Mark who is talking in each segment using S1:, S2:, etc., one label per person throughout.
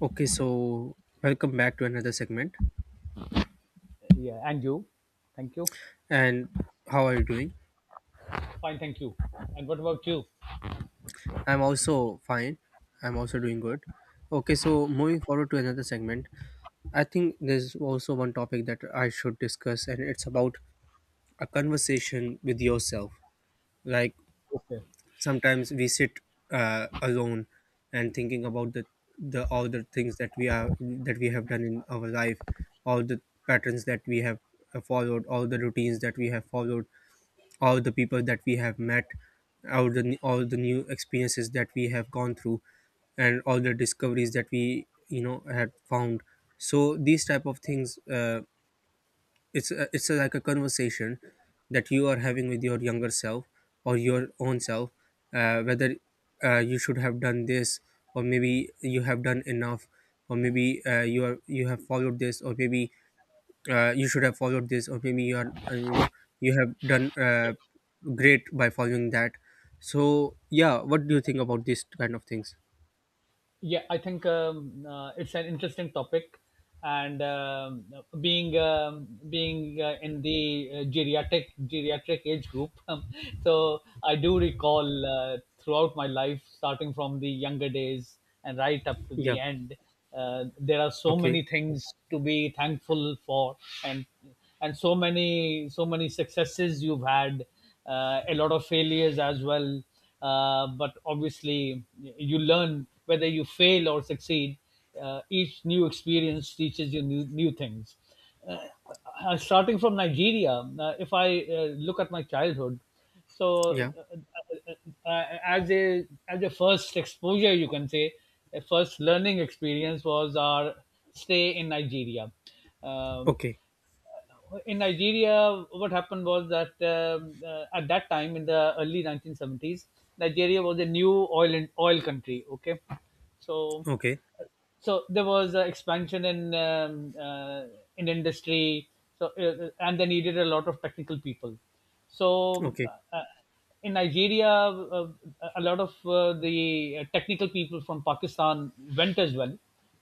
S1: Okay, so welcome back to another segment.
S2: Yeah, and you? Thank you.
S1: And how are you doing?
S2: Fine, thank you. And what about you?
S1: I'm also fine. I'm also doing good. Okay, so moving forward to another segment, I think there's also one topic that I should discuss, and it's about a conversation with yourself. Like
S2: Okay.
S1: Sometimes we sit alone and thinking about the all the things that we have done in our life, all the patterns that we have followed, all the routines that we have followed, all the people that we have met, all the new experiences that we have gone through, and all the discoveries that we had found. So these type of things, it's like a conversation that you are having with your younger self or your own self, whether you should have done this, or maybe you have done enough, or maybe you have followed this, or maybe you should have followed this, or maybe you are you know you have done
S2: Okay.
S1: great by following that. So yeah, what do you think about this kind of things?
S2: Yeah, I think it's an interesting topic, and being being in the geriatric age group so I do recall throughout my life, starting from the younger days and right up to
S1: Yeah.
S2: the end. There are so
S1: Okay.
S2: many things to be thankful for, and and so many so many successes you've had, a lot of failures as well. But obviously you learn whether you fail or succeed. Each new experience teaches you new things. uh, Starting from Nigeria, if I look at my childhood, so
S1: Yeah.
S2: as a first exposure, you can say a first learning experience was our stay in Nigeria. Um
S1: Okay.
S2: in Nigeria, what happened was that at that time in the early 1970s, Nigeria was a new oil and oil country. Okay, so
S1: Okay.
S2: so there was expansion in industry. So and they needed a lot of technical people. So
S1: Okay.
S2: uh, in Nigeria, a lot of the technical people from Pakistan went as well,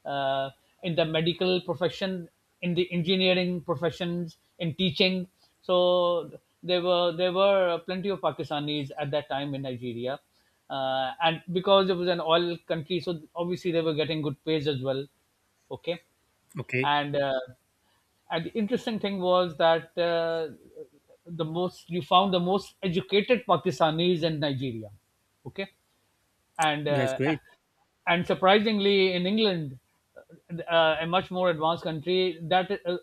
S2: uh, in the medical profession, in the engineering professions, in teaching. So there were plenty of Pakistanis at that time in Nigeria, and because it was an oil country, so obviously they were getting good pays as well. Okay,
S1: Okay.
S2: and uh, and the interesting thing was that the most you found the most educated Pakistanis in Nigeria. Okay. And
S1: That's great.
S2: and surprisingly in England, a much more advanced country,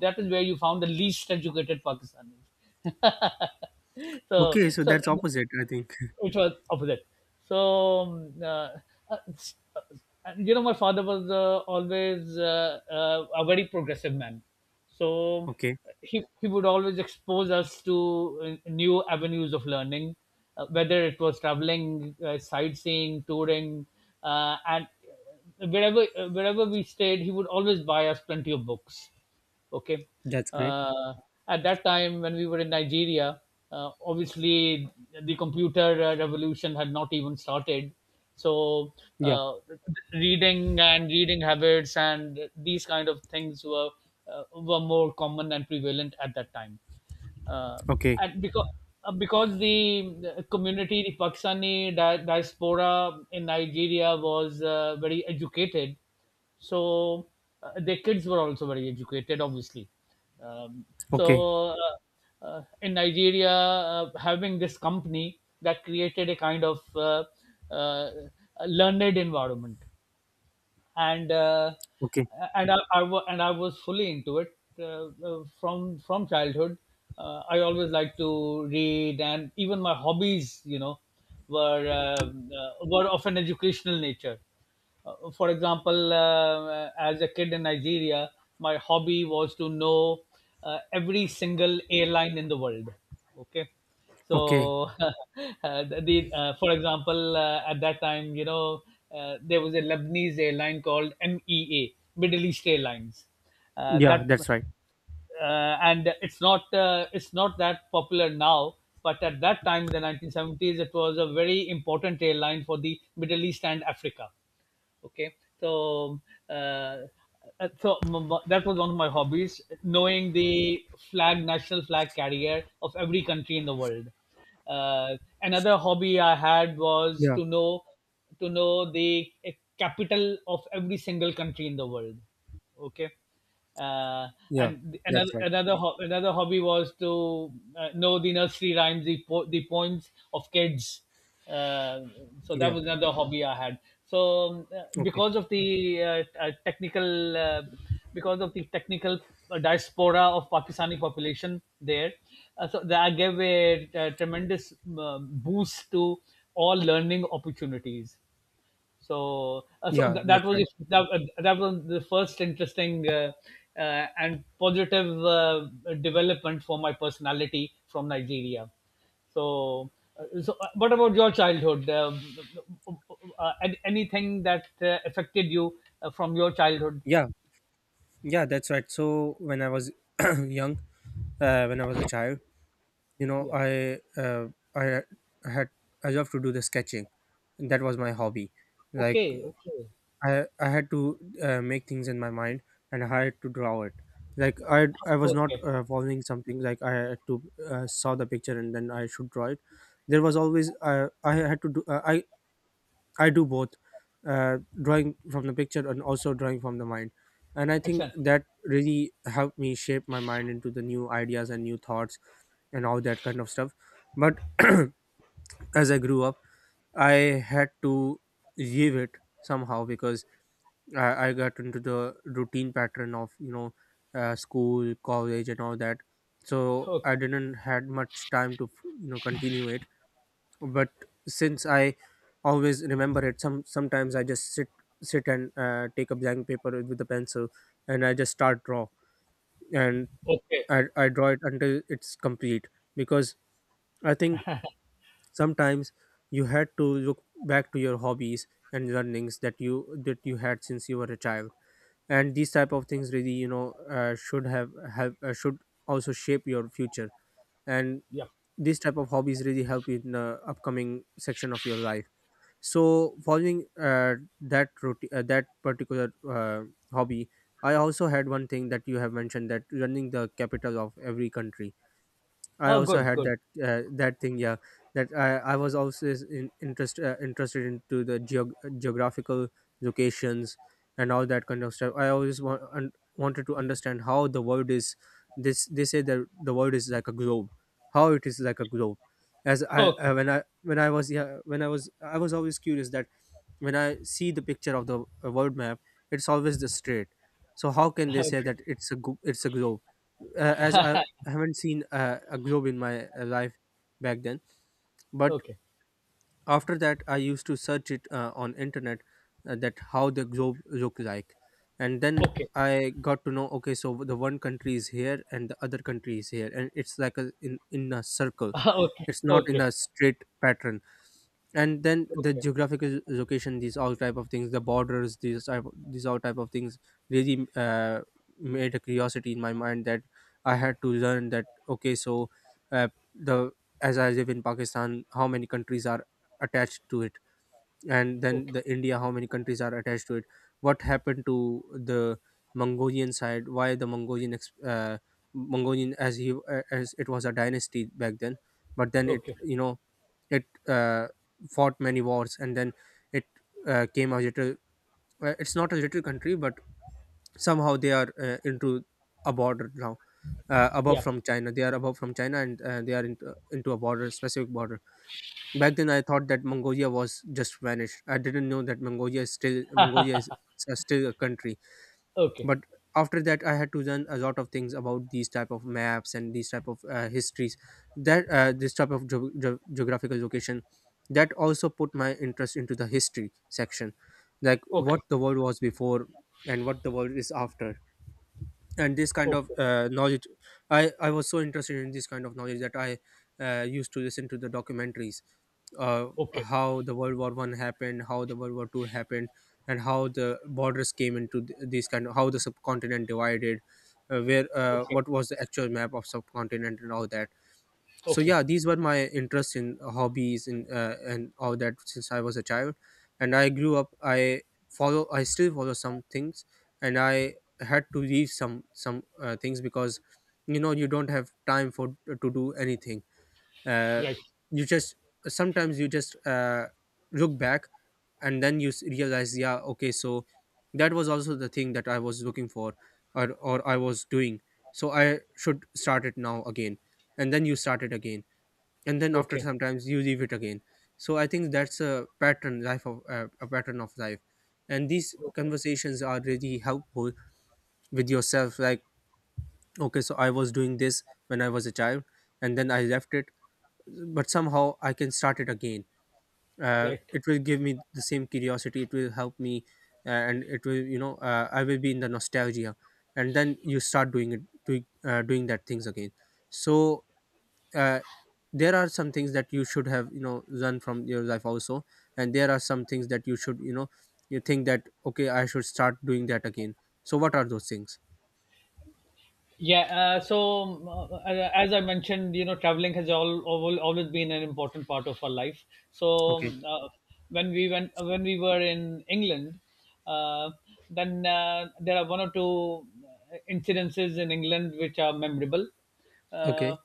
S2: that is where you found the least educated Pakistanis. so
S1: Okay, so
S2: so
S1: that's opposite I think.
S2: which was opposite. So, uh, uh, and you know, my father was always a very progressive man. So,
S1: Okay.
S2: he would always expose us to new avenues of learning, whether it was traveling, sightseeing, touring, and wherever, wherever we stayed, he would always buy us plenty of books. Okay.
S1: That's great.
S2: uh, at that time when we were in Nigeria, obviously the computer revolution had not even started, so
S1: Yeah.
S2: uh, reading and reading habits and these kind of things were more common and prevalent at that time. uh,
S1: Okay.
S2: and because the community, the Pakistani diaspora in Nigeria was very educated, so their kids were also very educated obviously. um,
S1: Okay.
S2: so in Nigeria, having this company that created a kind of uh, learned environment. And
S1: Okay.
S2: I was fully into it from childhood. I always liked to read, and even my hobbies, were of an educational nature. For example, as a kid in Nigeria, my hobby was to know every single airline in the world. Okay,
S1: Okay.
S2: so the for example, at that time, there was a Lebanese airline called MEA, Middle East Airlines.
S1: Yeah,
S2: That
S1: that's right.
S2: and it's not that popular now, but at that time, in the 1970s, it was a very important airline for the Middle East and Africa. Okay. So uh, that was one of my hobbies, knowing the flag national flag carrier of every country in the world. uh, Another hobby I had was
S1: Yeah,
S2: to know, to know the capital of every single country in the world. Okay. uh,
S1: yeah,
S2: and
S1: that's right.
S2: another hobby was to know the nursery rhymes, the poems of kids. uh, so that
S1: Yeah.
S2: was another hobby I had. So
S1: Okay.
S2: because of the technical, because of the technical diaspora of Pakistani population there, so that gave a, tremendous boost to all learning opportunities. So,
S1: Yeah, that's
S2: that was
S1: right.
S2: that was the first interesting and positive development for my personality from Nigeria. So, what about your childhood? Anything that affected you from your childhood?
S1: Yeah, yeah, that's right. So when I was young, when I was a child. You know,
S2: Yeah.
S1: I uh, I had I loved to do the sketching. That was my hobby. Like
S2: Okay. Okay.
S1: I had to make things in my mind and I had to draw it. I was not
S2: Okay.
S1: following something. Like I had to saw the picture and then I should draw it. There was always I had to do. I do both drawing from the picture and also drawing from the mind. And I think
S2: Excellent.
S1: that really helped me shape my mind into the new ideas and new thoughts and all that kind of stuff. But as I grew up, I had to leave it somehow because I got into the routine pattern of school, college, and all that. So
S2: Okay.
S1: I didn't had much time to continue it, but since I always remember it, sometimes I just sit and take a blank paper with a pencil and I just start draw, and
S2: Okay.
S1: I draw it until it's complete. Because I think sometimes you had to look back to your hobbies and learnings that you had since you were a child, and these type of things really you know should have should also shape your future, and
S2: Yeah.
S1: these type of hobbies really help you in the upcoming section of your life. So following that particular hobby, I also had one thing that you have mentioned, that running the capital of every country, I
S2: Oh,
S1: also
S2: good.
S1: had
S2: Good.
S1: that that thing. Yeah, that I was also interested into the geographical locations and all that kind of stuff. I always wanted to understand how the world is. This They say that the world is like a globe. How it is like a globe? As I
S2: Okay.
S1: when I when I was yeah when I was always curious that when I see the picture of the world map, it's always the straight. So how can they say that it's a globe? As I haven't seen a globe in my life back then, but
S2: Okay.
S1: after that I used to search it on internet, that how the globe look like, and then
S2: Okay. Okay.
S1: I got to know, okay, so the one country is here and the other country is here, and it's like a circle.
S2: Okay.
S1: It's not in
S2: Okay.
S1: a straight pattern. And then the
S2: Okay.
S1: geographical location, these all type of things, the borders, these all type of things really made a curiosity in my mind that I had to learn that, okay, so uh, the as I live in Pakistan, how many countries are attached to it, and then
S2: Okay.
S1: the India, how many countries are attached to it, what happened to the Mongolian side, why the Mongolian, as it was a dynasty back then, but then it,
S2: Okay.
S1: it uh, fought many wars, and then it came a little, it's not a little country, but somehow they are into a border now, above
S2: Yeah.
S1: from china they are above from China, and they are into a border, specific border. Back then I thought that Mongolia was just vanished. I didn't know that Mongolia is still a country.
S2: Okay.
S1: But after that I had to learn a lot of things about these type of maps and these type of histories, that this type of geographical location, that also put my interest into the history section, like
S2: Okay.
S1: what the world was before and what the world is after, and this kind of
S2: Okay.
S1: knowledge. I was so interested in this kind of knowledge that I used to listen to the documentaries, uh,
S2: Okay.
S1: how the world war I happened, how the world war II happened, and how the borders came into these kind of, how the subcontinent divided, where
S2: Okay.
S1: what was the actual map of subcontinent and all that. So
S2: Okay.
S1: yeah, these were my interests in hobbies and all that since I was a child. And I grew up, I still follow some things, and I had to leave some things because you know you don't have time for to do anything. uh,
S2: Right.
S1: you just sometimes you just look back, and then you realize, yeah, okay, so that was also the thing that I was looking for, or I was doing, so I should start it now again. And then you start it again, and then after
S2: Okay.
S1: sometimes you leave it again. So I think that's a pattern of life, and these conversations are really helpful with yourself, like, okay, so I was doing this when I was a child, and then I left it, but somehow I can start it again.
S2: Right.
S1: It will give me the same curiosity, it will help me, and it will, I will be in the nostalgia, and then you start doing doing that things again. So uh, there are some things that you should have, you know, done from your life also, and there are some things that you should, you know, you think that, okay, I should start doing that again. So what are those things?
S2: Yeah. As I mentioned, you know, traveling has all always been an important part of our life. So,
S1: Okay.
S2: when we were in England, uh, then there are one or two incidences in England which are memorable. Uh,
S1: Okay.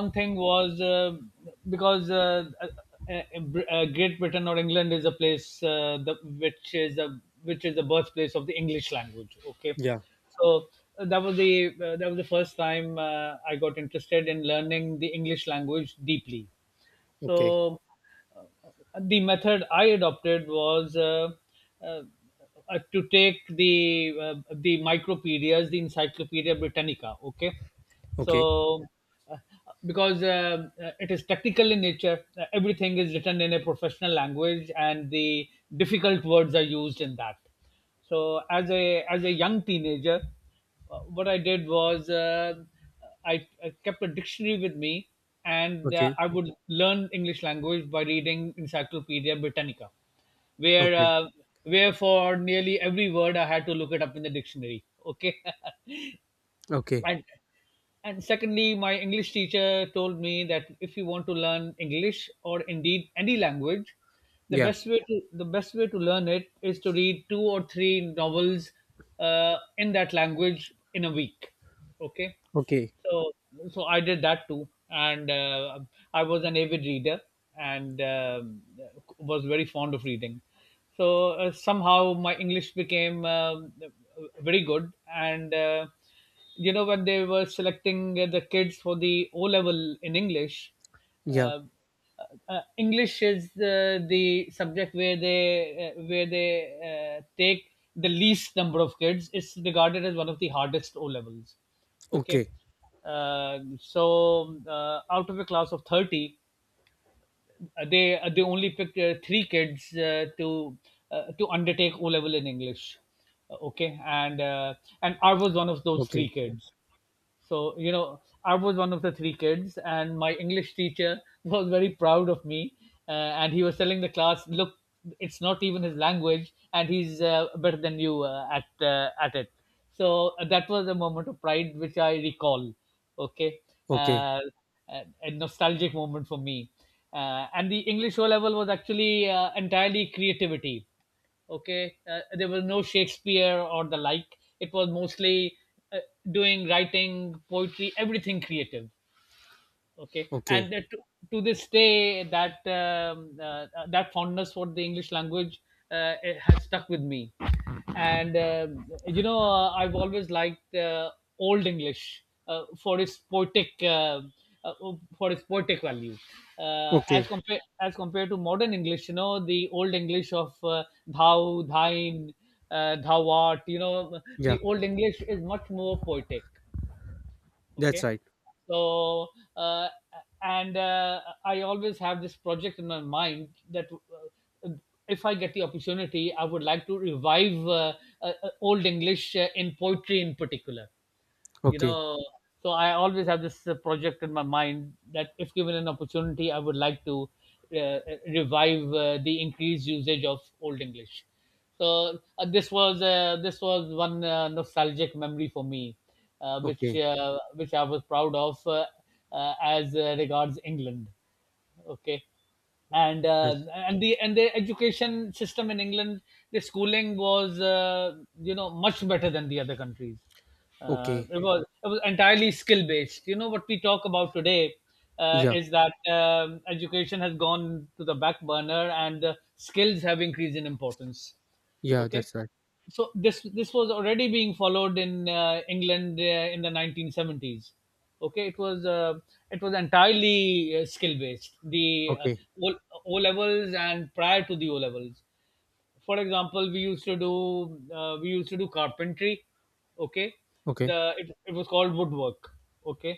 S2: One thing was because Great Britain or England is a place which is a which is the birthplace of the English language. Okay,
S1: Yeah.
S2: so that was the first time I got interested in learning the English language deeply.
S1: Okay.
S2: So uh, the method I adopted was uh, to take the micropedias, the Encyclopedia Britannica. Okay,
S1: Okay.
S2: so uh, because it is technical in nature, everything is written in a professional language, and the difficult words are used in that. So as a young teenager, what I did was, I kept a dictionary with me, and
S1: Okay.
S2: I would learn English language by reading Encyclopedia Britannica, where
S1: Okay.
S2: uh, where for nearly every word I had to look it up in the dictionary. Okay,
S1: Okay.
S2: and secondly, my English teacher told me that if you want to learn English or indeed any language,
S1: Yeah.
S2: the best way to learn it is to read two or three novels in that language in a week. Okay.
S1: Okay.
S2: So I did that too, and I was an avid reader and was very fond of reading. So somehow my English became very good, and you know, when they were selecting the kids for the O level in English,
S1: Yeah.
S2: uh, English is the subject where they uh, where they take the least number of kids. It's regarded as one of the hardest O levels. Okay.
S1: Okay.
S2: So out of a class of 30, they only picked three kids to undertake O level in English. Okay. And and I was one of those three
S1: Okay.
S2: kids. So, you know, I was one of the three kids, and my English teacher was very proud of me. And he was telling the class, look, it's not even his language, and he's better than you at it. So, that was a moment of pride which I recall. Okay.
S1: Okay.
S2: Uh, a nostalgic moment for me. And the English O level was actually entirely creativity. Okay. There was no Shakespeare or the like. It was mostly uh, doing writing poetry, everything creative. Okay.
S1: Okay.
S2: And to this day, that fondness for the English language, it has stuck with me. And you know, I've always liked old English for its poetic, uh, for its poetic value,
S1: Okay.
S2: as compared to modern English. You know, the old English of thou, thine, thou art. You know,
S1: Yeah,
S2: the old English is much more poetic.
S1: that's
S2: Okay.
S1: right.
S2: So uh, and I always have this project in my mind that uh, if I get the opportunity, I would like to revive old English in poetry in particular, you
S1: Okay.
S2: know. So I always have this project in my mind that if given an opportunity, I would like to uh, revive the increased usage of old English. So this was one nostalgic memory for me,
S1: Okay.
S2: which I was proud of, as regards England. Okay. And
S1: That's
S2: and the education system in England, the schooling was, you know, much better than the other countries.
S1: okay.
S2: It was entirely skill based. You know what we talk about today
S1: Yeah,
S2: is that education has gone to the back burner and skills have increased in importance.
S1: yeah,
S2: Okay,
S1: that's right.
S2: so this was already being followed in England in the 1970s. Okay, it was entirely skill based. The
S1: Okay.
S2: O O levels and prior to the O levels, for example, we used to do carpentry. Okay,
S1: Okay.
S2: the it was called woodwork. Okay,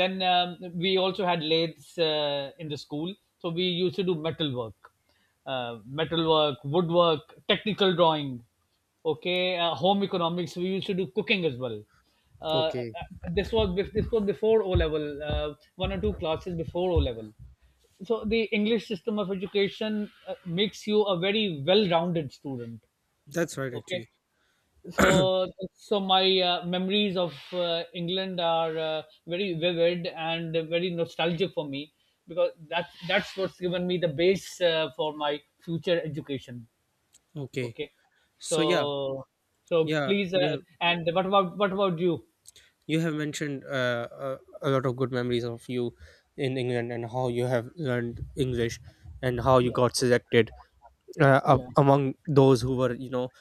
S2: then we also had lathes in the school. So we used to do metal work, woodwork, technical drawing. Okay, home economics, we used to do cooking as well. uh, uh,
S1: Okay.
S2: this was before O level, one or two classes before O level. So the English system of education makes you a very well-rounded student.
S1: That's right,
S2: Okay,
S1: actually.
S2: so so my memories of England are very vivid and very nostalgic for me, because that's what's given me the base for my future education.
S1: Okay.
S2: Okay,
S1: So yeah.
S2: so so
S1: Yeah,
S2: please.
S1: yeah.
S2: And what about you?
S1: You have mentioned a lot of good memories of you in England, and how you have learned English, and how you
S2: Yeah,
S1: got selected
S2: yeah,
S1: among those who were, you know,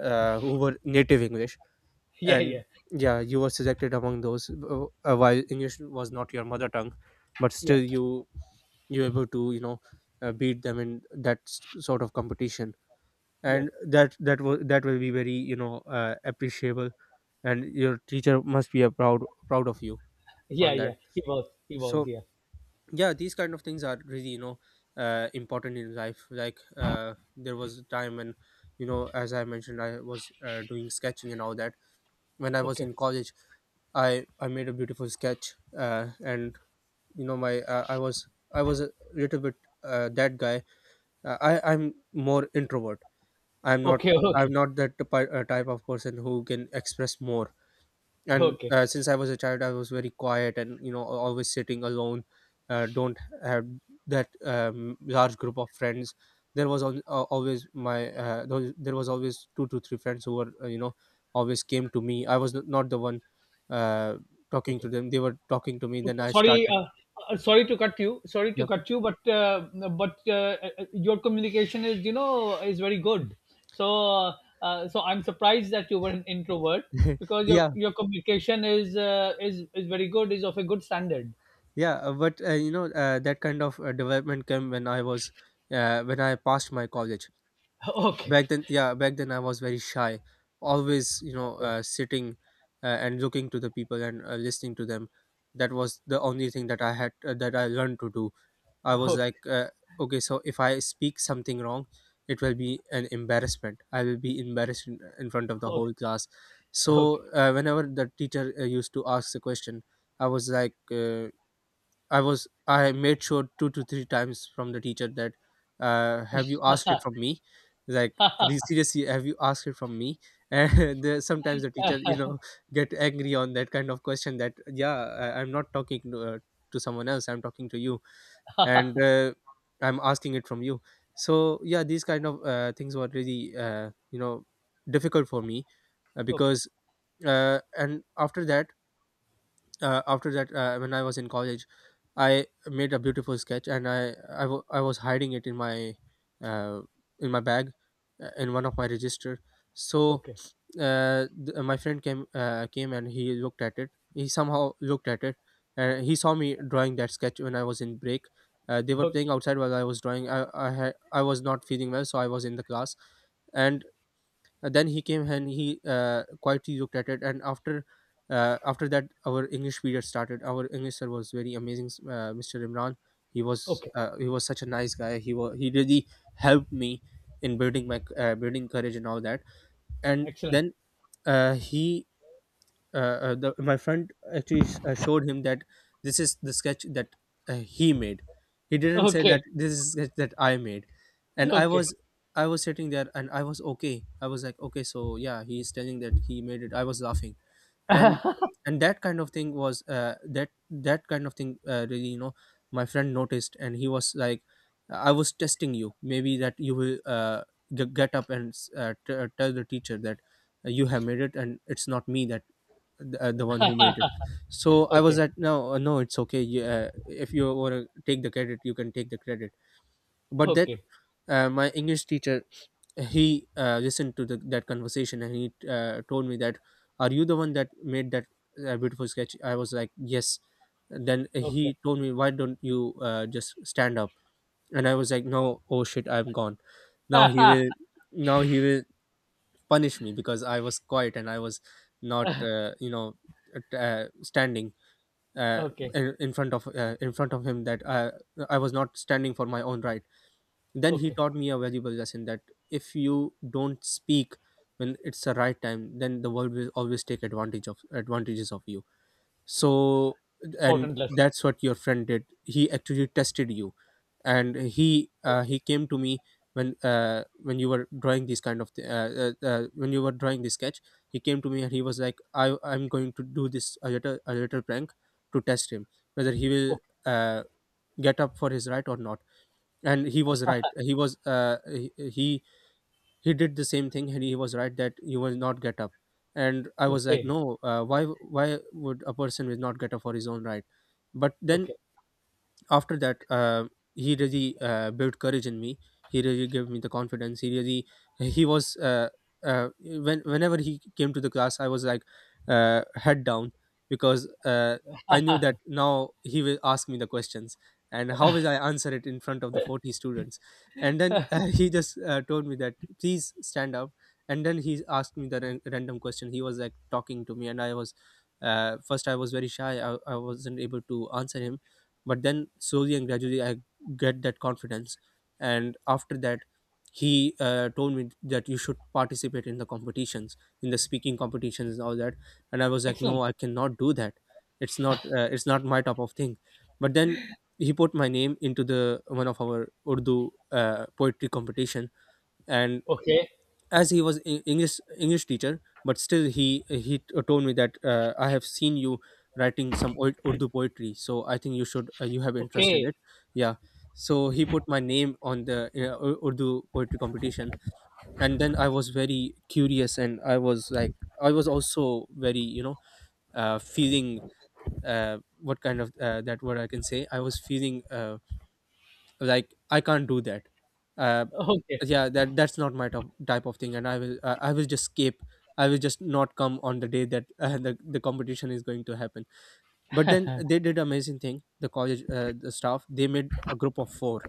S1: who were native English.
S2: yeah, yeah,
S1: And yeah, you were selected among those, while English was not your mother tongue, but
S2: yeah,
S1: still you, you were able to, you know, beat them in that sort of competition.
S2: yeah.
S1: And that was, that will be very, you know, appreciable, and your teacher must be a proud of you
S2: yeah
S1: on that.
S2: yeah he was,
S1: So
S2: yeah.
S1: yeah, these kind of things are really, you know, important in life. Like there was a time when, you know, as I mentioned, I was doing sketching and all that. When I was
S2: Okay,
S1: in college, I made a beautiful sketch, and you know my I was a little bit that guy. I'm more introvert. i'm not
S2: okay,
S1: I'm
S2: okay,
S1: not that type of person who can express more. And
S2: okay.
S1: since I was a child, I was very quiet, and you know al- always sitting alone, don't have that large group of friends. There was there was always two to three friends who were, you know, always came to me. I was not the one uh, talking to
S2: Okay.
S1: them, they were talking to me, then I
S2: Sorry,
S1: started.
S2: sorry to cut you. Sorry
S1: Yeah.
S2: to cut you, but your communication is, you know, is very good. So uh, so I'm surprised that you were an introvert, because your
S1: Yeah.
S2: your communication is very good. Is of a good standard.
S1: Yeah, but you know that kind of development came when I was when I passed my college.
S2: Okay,
S1: Back then, yeah, back then I was very shy, always
S2: okay,
S1: sitting, and looking to the people, and listening to them. That was the only thing that I had, that I learned to do. I
S2: okay,
S1: was
S2: okay,
S1: like, okay, so if I speak something wrong, it will be an embarrassment, I will be embarrassed in front of the whole class. So
S2: okay,
S1: whenever the teacher used to ask the question, I was like, I made sure two to three times from the teacher that, have you asked it from me? Like seriously, have you asked it from me? Sometimes the teacher, get angry on that kind of question. That, yeah, I'm not talking to someone else. I'm talking to you, and I'm asking it from you. So, yeah, these kind of things were really, difficult for me,
S2: okay,
S1: because and after that, when I was in college, I made a beautiful sketch, and I was hiding it in my, uh, in my bag, in one of my register. So
S2: okay,
S1: my friend came and he looked at it. He somehow looked at it, and he saw me drawing that sketch when I was in break. They were
S2: okay,
S1: playing outside while I was drawing. I was not feeling well, so I was in the class. And then he came and he quietly looked at it. And after that our English period started. Our English sir was very amazing, Mr. Imran. he was
S2: okay.
S1: he was such a nice guy. He really helped me in building my, building courage and all that. And
S2: Excellent.
S1: then he, my friend actually showed him that, this is the sketch that he made. He didn't say
S2: Okay,
S1: that this is sketch that I made, and I
S2: okay,
S1: was I was sitting there and I was okay. I was like, okay, so, yeah, he's telling that he made it. I was laughing, and that kind of thing was that that kind of thing really you know, my friend noticed, and he was like, I was testing you. Maybe that you will, get up and tell the teacher that you have made it, and it's not me that the one who made it. So I was
S2: okay,
S1: at, no, no, it's okay, you, if you want to take the credit you can take the credit. But then,
S2: okay,
S1: my English teacher, he listened to that conversation, and he told me that, are you the one that made that beautiful sketch? I was like, yes. And then
S2: okay.
S1: he told me, why don't you just stand up? And I was like, no, oh shit, I'm gone. now he will Now he will punish me, because I was quiet and I was not, standing, uh,
S2: Okay.
S1: in front of, in front of him, that I was not standing for my own right. Then he
S2: Okay.
S1: taught me a valuable lesson, that if you don't speak when it's the right time, then the world will always take advantage of advantages of you. So, and
S2: Important lesson.
S1: that's what your friend did. He actually tested you. And he He came to me when, when you were drawing this kind of th- when you were drawing this sketch. He came to me and he was like, I'm going to do this a little prank to test him, whether he will
S2: Okay.
S1: uh, get up for his right or not. And he was right. He was uh, he, he he did the same thing, and he was right that you will not get up. And I was like,
S2: Okay.
S1: no, why would a person will not get up for his own right? But then,
S2: Okay.
S1: after that, he really built courage in me. He really gave me the confidence. He really he was uh, whenever he came to the class, I was like, head down, because I knew that now he will ask me the questions, and how will I answer it in front of the 40 students? And then he just told me that, please stand up. And then he asked me the random question. He was like talking to me, and I was, first I was very shy. I wasn't able to answer him. But then slowly and gradually, I get that confidence. And after that, he told me that, you should participate in the competitions, in the speaking competitions and all that. And I was like, no,
S2: Excellent.
S1: I cannot do that. It's not, it's not my type of thing. But then he put my name into the one of our Urdu poetry competition. And
S2: Okay.
S1: as he was English teacher, but still he told me that, I have seen you writing some old Urdu poetry, so I think you should, you have interest in
S2: Okay.
S1: it. Yeah, so he put my name on the Urdu poetry competition. And then I was very curious, and I was like, I was also very, you know, feeling, what kind of, that word I can say, I was feeling, like I can't do that, uh,
S2: Okay.
S1: yeah, that's not my type of thing, and I will, I will just skip. I will just not come on the day that the competition is going to happen. But then they did amazing thing. The college, the staff, they made a group of four.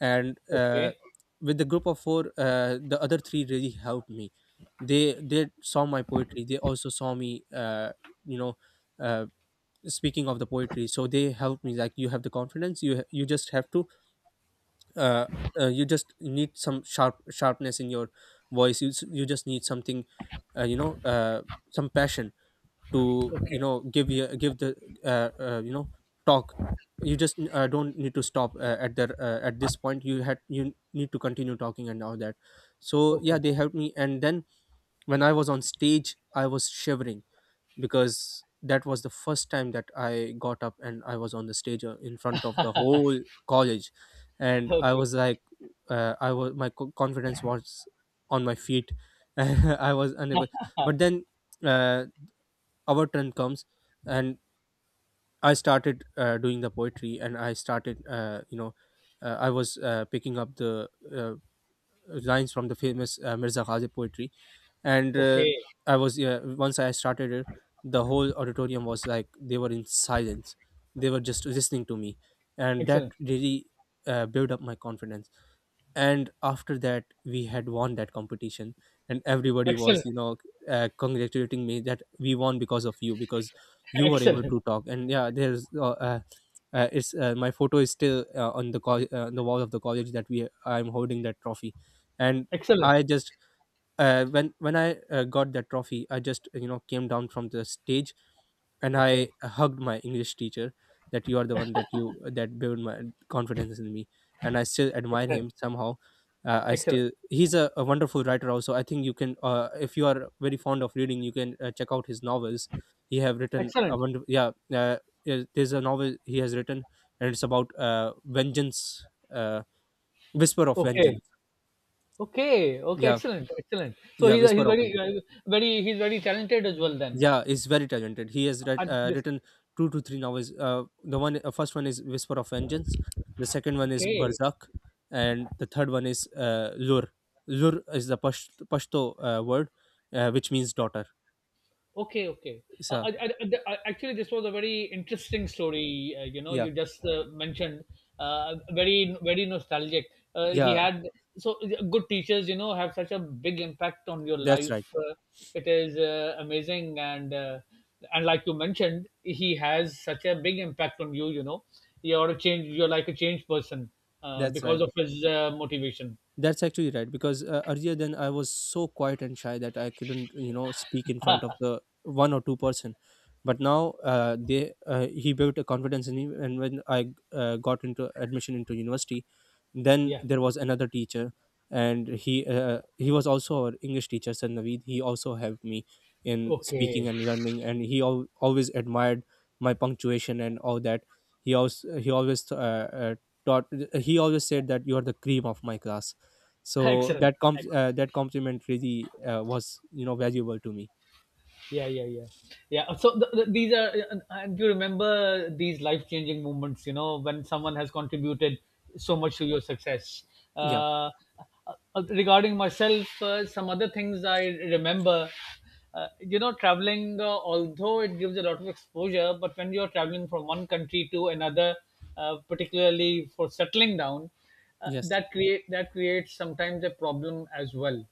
S1: And,
S2: Okay.
S1: with the group of four, the other three really helped me. They saw my poetry. They also saw me you know uh, speaking of the poetry. So they helped me like, you have the confidence, you you just have to, uh, you just need some sharpness in your voice. You, you just need something, uh, you know uh, some passion to, you
S2: Okay.
S1: know, give you give the, uh, uh, you know talk. You just don't need to stop at this point. You need to continue talking and all that. So, yeah,
S2: Okay.
S1: they helped me, and then when I was on stage, I was shivering, because that was the first time that I got up and I was on the stage, in front of the whole college. And I
S2: Okay.
S1: was like, I was my confidence was on my feet. I was unable. But then, uh, our turn comes, and I started doing the poetry. And I started, I was picking up the, uh, lines from the famous, Mirza Ghazi poetry, and,
S2: Okay.
S1: I was yeah, once I started it, the whole auditorium was like, they were in silence. They were just listening to me, and that
S2: Excellent.
S1: really built up my confidence. And after that, we had won that competition. And everybody was,
S2: Excellent.
S1: you know, congratulating me that, we won because of you, because you were able
S2: Excellent.
S1: to talk, and yeah, there's it's my photo is still, on the wall of the college, that we I'm holding that trophy, and
S2: Excellent.
S1: I just, when I got that trophy, I just, you know, came down from the stage and I
S2: Okay.
S1: hugged my English teacher that, you are the one that you that built my confidence in me, and I still admire
S2: Excellent.
S1: him somehow. I
S2: Excellent.
S1: still He's a wonderful writer also. I think you can, if you are very fond of reading, you can check out his novels. He have written a
S2: Excellent.
S1: wonderful, yeah. Yeah, there's a novel he has written, and it's about vengeance, Whisper of
S2: Okay.
S1: Vengeance.
S2: Okay. Okay.
S1: Yeah,
S2: Excellent. Excellent. So
S1: yeah,
S2: he's
S1: Whisper of
S2: very,
S1: Vengeance.
S2: very, he's very talented as well then.
S1: Yeah, is very talented, he has
S2: At this.
S1: written two to three novels. The one first one is Whisper of Vengeance, the second one is
S2: Okay.
S1: Barzak, and the third one is, Lur. Lur is the Pashto word, which means daughter.
S2: Okay, okay.
S1: So,
S2: Actually, this was a very interesting story. You know,
S1: yeah,
S2: you just mentioned, very, very nostalgic. He
S1: yeah,
S2: had so good teachers. You know, have such a big impact on your
S1: that's right,
S2: life. It is amazing, and like you mentioned, he has such a big impact on you. You know, you're a change. You're like a changed person
S1: that's
S2: because
S1: right
S2: of his motivation.
S1: that's actually right, because, earlier then I was so quiet and shy that I couldn't, you know, speak in front of the one or two person. But now, they he built a confidence in me, and when I got into admission into university, then
S2: Yeah.
S1: there was another teacher. And he was also our English teacher, Sir Naveed. He also helped me in speaking
S2: Okay.
S1: and learning, and he always admired my punctuation and all that. He also he always uh, taught he always said that you are the cream of my class. So
S2: Excellent.
S1: that comp
S2: Excellent.
S1: that complimentary was valuable to me.
S2: Yeah, yeah, yeah, yeah. So these are, and you remember these life-changing moments, you know, when someone has contributed so much to your success.
S1: Yeah.
S2: Uh, Regarding myself, some other things I remember, you know, traveling. Although it gives a lot of exposure, but when you're traveling from one country to another, particularly for settling down,
S1: Yes.
S2: that creates sometimes a problem as well,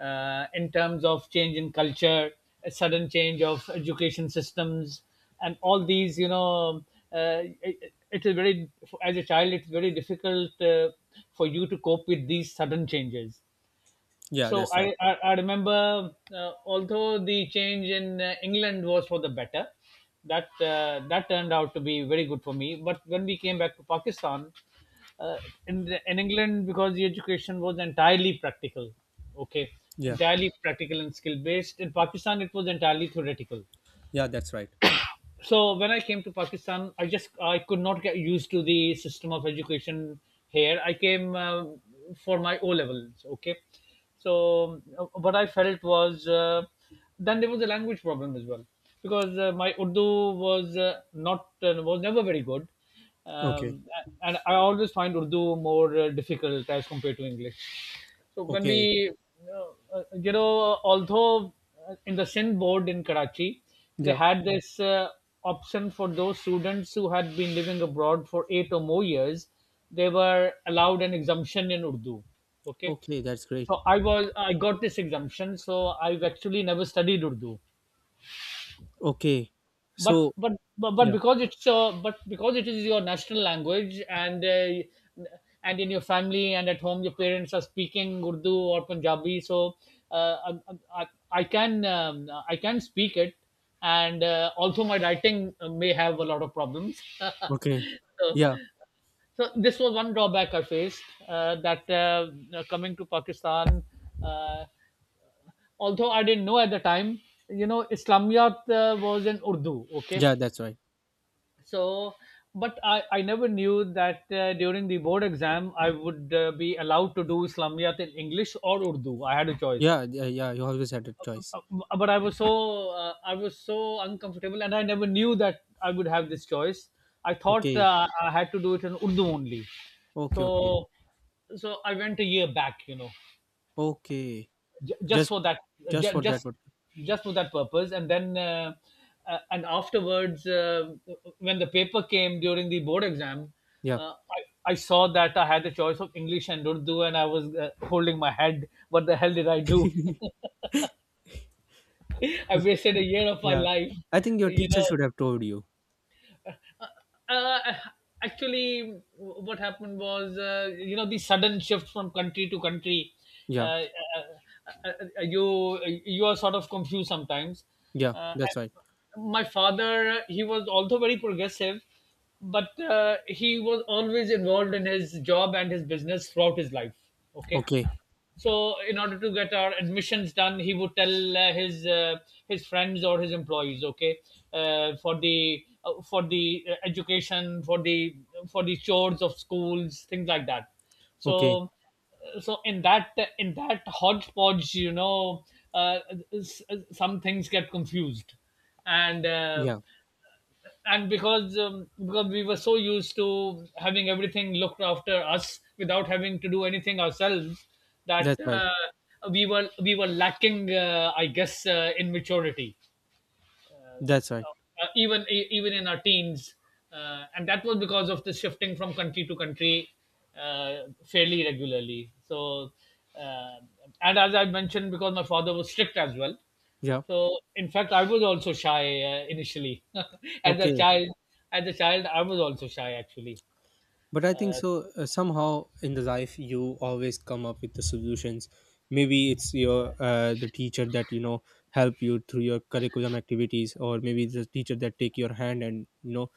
S2: in terms of change in culture, a sudden change of education systems, and all these, you know, uh, it is very, as a child, it's very difficult for you to cope with these sudden changes.
S1: Yeah,
S2: So
S1: that's right.
S2: I remember, although the change in England was for the better, that turned out to be very good for me. But when we came back to Pakistan, uh, in England, because the education was entirely practical, okay,
S1: Yeah,
S2: entirely practical and skill based. In Pakistan, it was entirely theoretical.
S1: yeah, that's right.
S2: So when I came to Pakistan, I could not get used to the system of education here. I came for my O levels. Okay, so what I felt was, then there was a language problem as well, because my Urdu was, not was never very good.
S1: Okay,
S2: um, and I always find Urdu more difficult as compared to English. So
S1: okay.
S2: you know, although in the SIN board in Karachi, they
S1: Yeah,
S2: had this option for those students who had been living abroad for eight or more years, they were allowed an exemption in Urdu. Okay,
S1: okay, that's great.
S2: so I got this exemption, so I've actually never studied Urdu.
S1: Okay,
S2: but
S1: so
S2: but but but
S1: yeah.
S2: because it's but because it is your national language, and in your family and at home your parents are speaking Urdu or Punjabi. So I can, I can speak it. And also my writing may have a lot of problems.
S1: Okay.
S2: So,
S1: Yeah,
S2: so this was one drawback I faced, that coming to Pakistan, uh, although I didn't know at the time, you know, Islamiyat was in Urdu. Okay,
S1: yeah, that's right.
S2: so but I never knew that during the board exam I would be allowed to do Islamiyat in English or Urdu. I had a choice.
S1: Yeah, yeah, yeah, you always had a choice.
S2: But I was so uncomfortable, and I never knew that I would have this choice. I thought
S1: Okay,
S2: I had to do it in Urdu only.
S1: okay,
S2: so
S1: okay.
S2: so I went a year back, you know,
S1: Okay.
S2: j- just
S1: just
S2: for that
S1: just
S2: j-
S1: for that
S2: just
S1: one.
S2: just for that purpose. And then, and afterwards, when the paper came during the board exam,
S1: Yeah,
S2: uh, I, I saw that I had the choice of English and Urdu, and I was holding my head. What the hell did I do? I wasted a year of my
S1: yeah,
S2: life,
S1: I think your
S2: you
S1: teacher
S2: know.
S1: should have told you.
S2: uh, uh, Actually, what happened was, you know, the sudden shift from country to country,
S1: Yeah,
S2: uh, uh, uh, uh, you you are sort of confused sometimes.
S1: yeah,
S2: uh,
S1: that's right.
S2: my father, he was also very progressive, but he was always involved in his job and his business throughout his life. Okay,
S1: Okay,
S2: so in order to get our admissions done he would tell his friends or his employees. Okay, for the education, for the chores of schools, things like that.
S1: okay.
S2: So, so in that hodgepodge, you know, uh, s- some things get confused. And
S1: Yeah,
S2: and because we were so used to having everything looked after us without having to do anything ourselves, that
S1: that's right.
S2: we were lacking, I guess, in maturity,
S1: That's right.
S2: even in our teens. And that was because of the shifting from country to country, fairly regularly. So, uh, and as I mentioned, because my father was strict as well,
S1: Yeah,
S2: so, in fact, I was also shy initially. As a
S1: okay.
S2: child, I was also shy actually.
S1: But I think so, somehow in the life you always come up with the solutions. Maybe it's your the teacher that help you through your curriculum activities. Or maybe it's the teacher that take your hand and, you know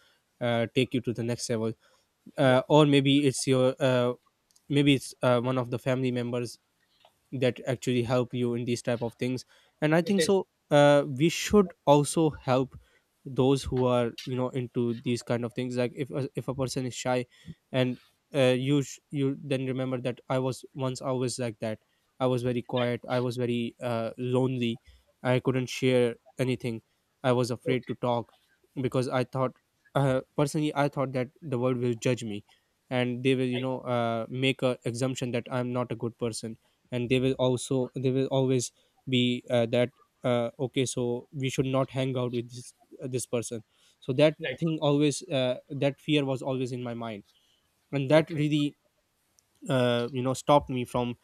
S1: uh, take you to the next level. uh,
S2: Yeah,
S1: or maybe it's one of the family members that actually help you in these type of things. And I
S2: it
S1: think
S2: is
S1: so, we should also help those who are into these kind of things. Like, if a person is shy, and you you then remember that I was like that. I was very quiet. I was very, lonely. I couldn't share anything. I was afraid to
S2: okay.
S1: talk because I thought personally, I thought that the world will judge me, and they will,
S2: Right,
S1: make a assumption that I'm not a good person. And they will always be, that, okay, so we should not hang out with this person. So that
S2: right.
S1: thing always, that fear was always in my mind. And that
S2: Okay,
S1: really, stopped me from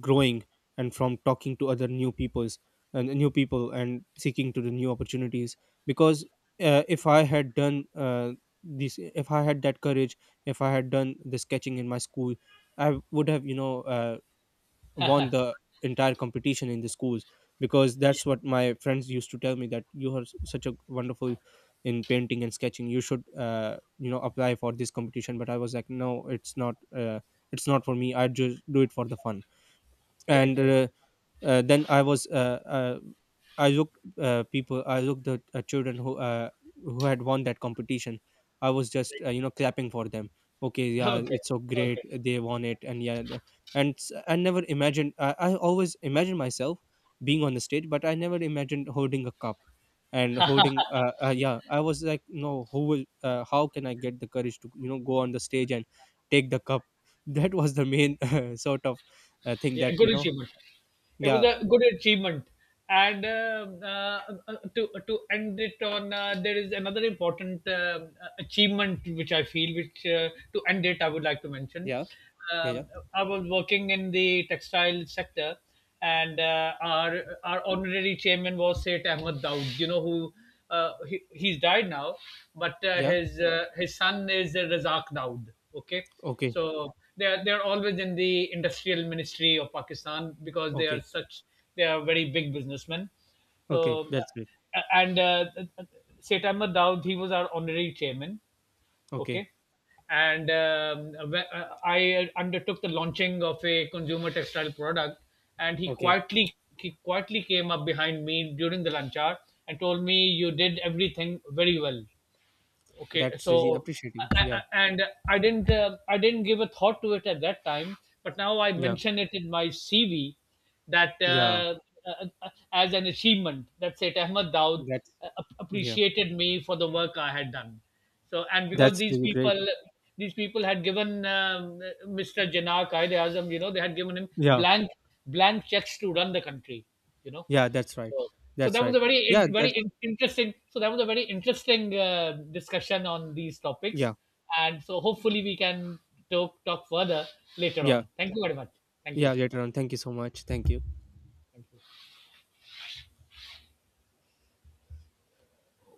S1: growing and from talking to other new peoples and new people, and seeking to the new opportunities. Because, if I had done, this, if I had that courage, if I had done the sketching in my school, I would have, won the entire competition in the schools. Because that's what my friends used to tell me, that you are such a wonderful in painting and sketching. You should, apply for this competition, but I was like, no, it's not for me. I just do it for the fun.
S2: right,
S1: And
S2: right.
S1: then I looked at, children, who had won that competition. I was just, clapping for them. Okay, yeah,
S2: Okay,
S1: it's so great
S2: okay.
S1: they won it. And yeah, I never imagined. I always imagined myself being on the stage, but I never imagined holding a cup and holding. Yeah, I was like, no, who will? How can I get the courage to, go on the stage and take the cup? That was the main sort of, thing
S2: Yeah,
S1: that
S2: good
S1: you know.
S2: achievement. It was
S1: Yeah,
S2: a good achievement, and to end it on, there is another important achievement which I feel, which to end it, I would like to mention.
S1: yeah. Yeah, yeah,
S2: Um, I was working in the textile sector, and our honorary chairman was Seth Ahmed Daud. You know who. He's died now, but
S1: yeah.
S2: his son is Razak Daud. Okay,
S1: Okay,
S2: so they are always in the industrial ministry of Pakistan, because they are
S1: okay,
S2: such, they are very big businessmen.
S1: okay.
S2: So
S1: That's great.
S2: and Seth Ahmed Daud, he was our honorary chairman.
S1: Okay,
S2: Okay. And I undertook the launching of a consumer textile product, and he
S1: okay.
S2: quietly he quietly came up behind me during the lunch hour and told me, "You did everything very well." Okay,
S1: That's really
S2: so
S1: appreciating.
S2: I,
S1: Yeah,
S2: I, and I didn't, give a thought to it at that time, but now I
S1: yeah,
S2: mention it in my CV that,
S1: yeah.
S2: as an achievement, that Said Ahmad Daud
S1: That's, yeah.
S2: appreciated me for the work I had done. So and because
S1: That's
S2: these
S1: really great.
S2: people these people had given, Mr. Jinnah Qaid Azam, you know, they had given him
S1: Yeah,
S2: blank checks to run the country, you know.
S1: yeah. That's right.
S2: So, so,
S1: That's
S2: that was
S1: right.
S2: a very
S1: Yeah, that's,
S2: interesting. So that was a very interesting discussion on these topics,
S1: yeah,
S2: and so hopefully we can talk further later
S1: yeah,
S2: on. Thank you very much. Thank you.
S1: yeah. Later on. Thank you so much. Thank you.
S2: Thank you.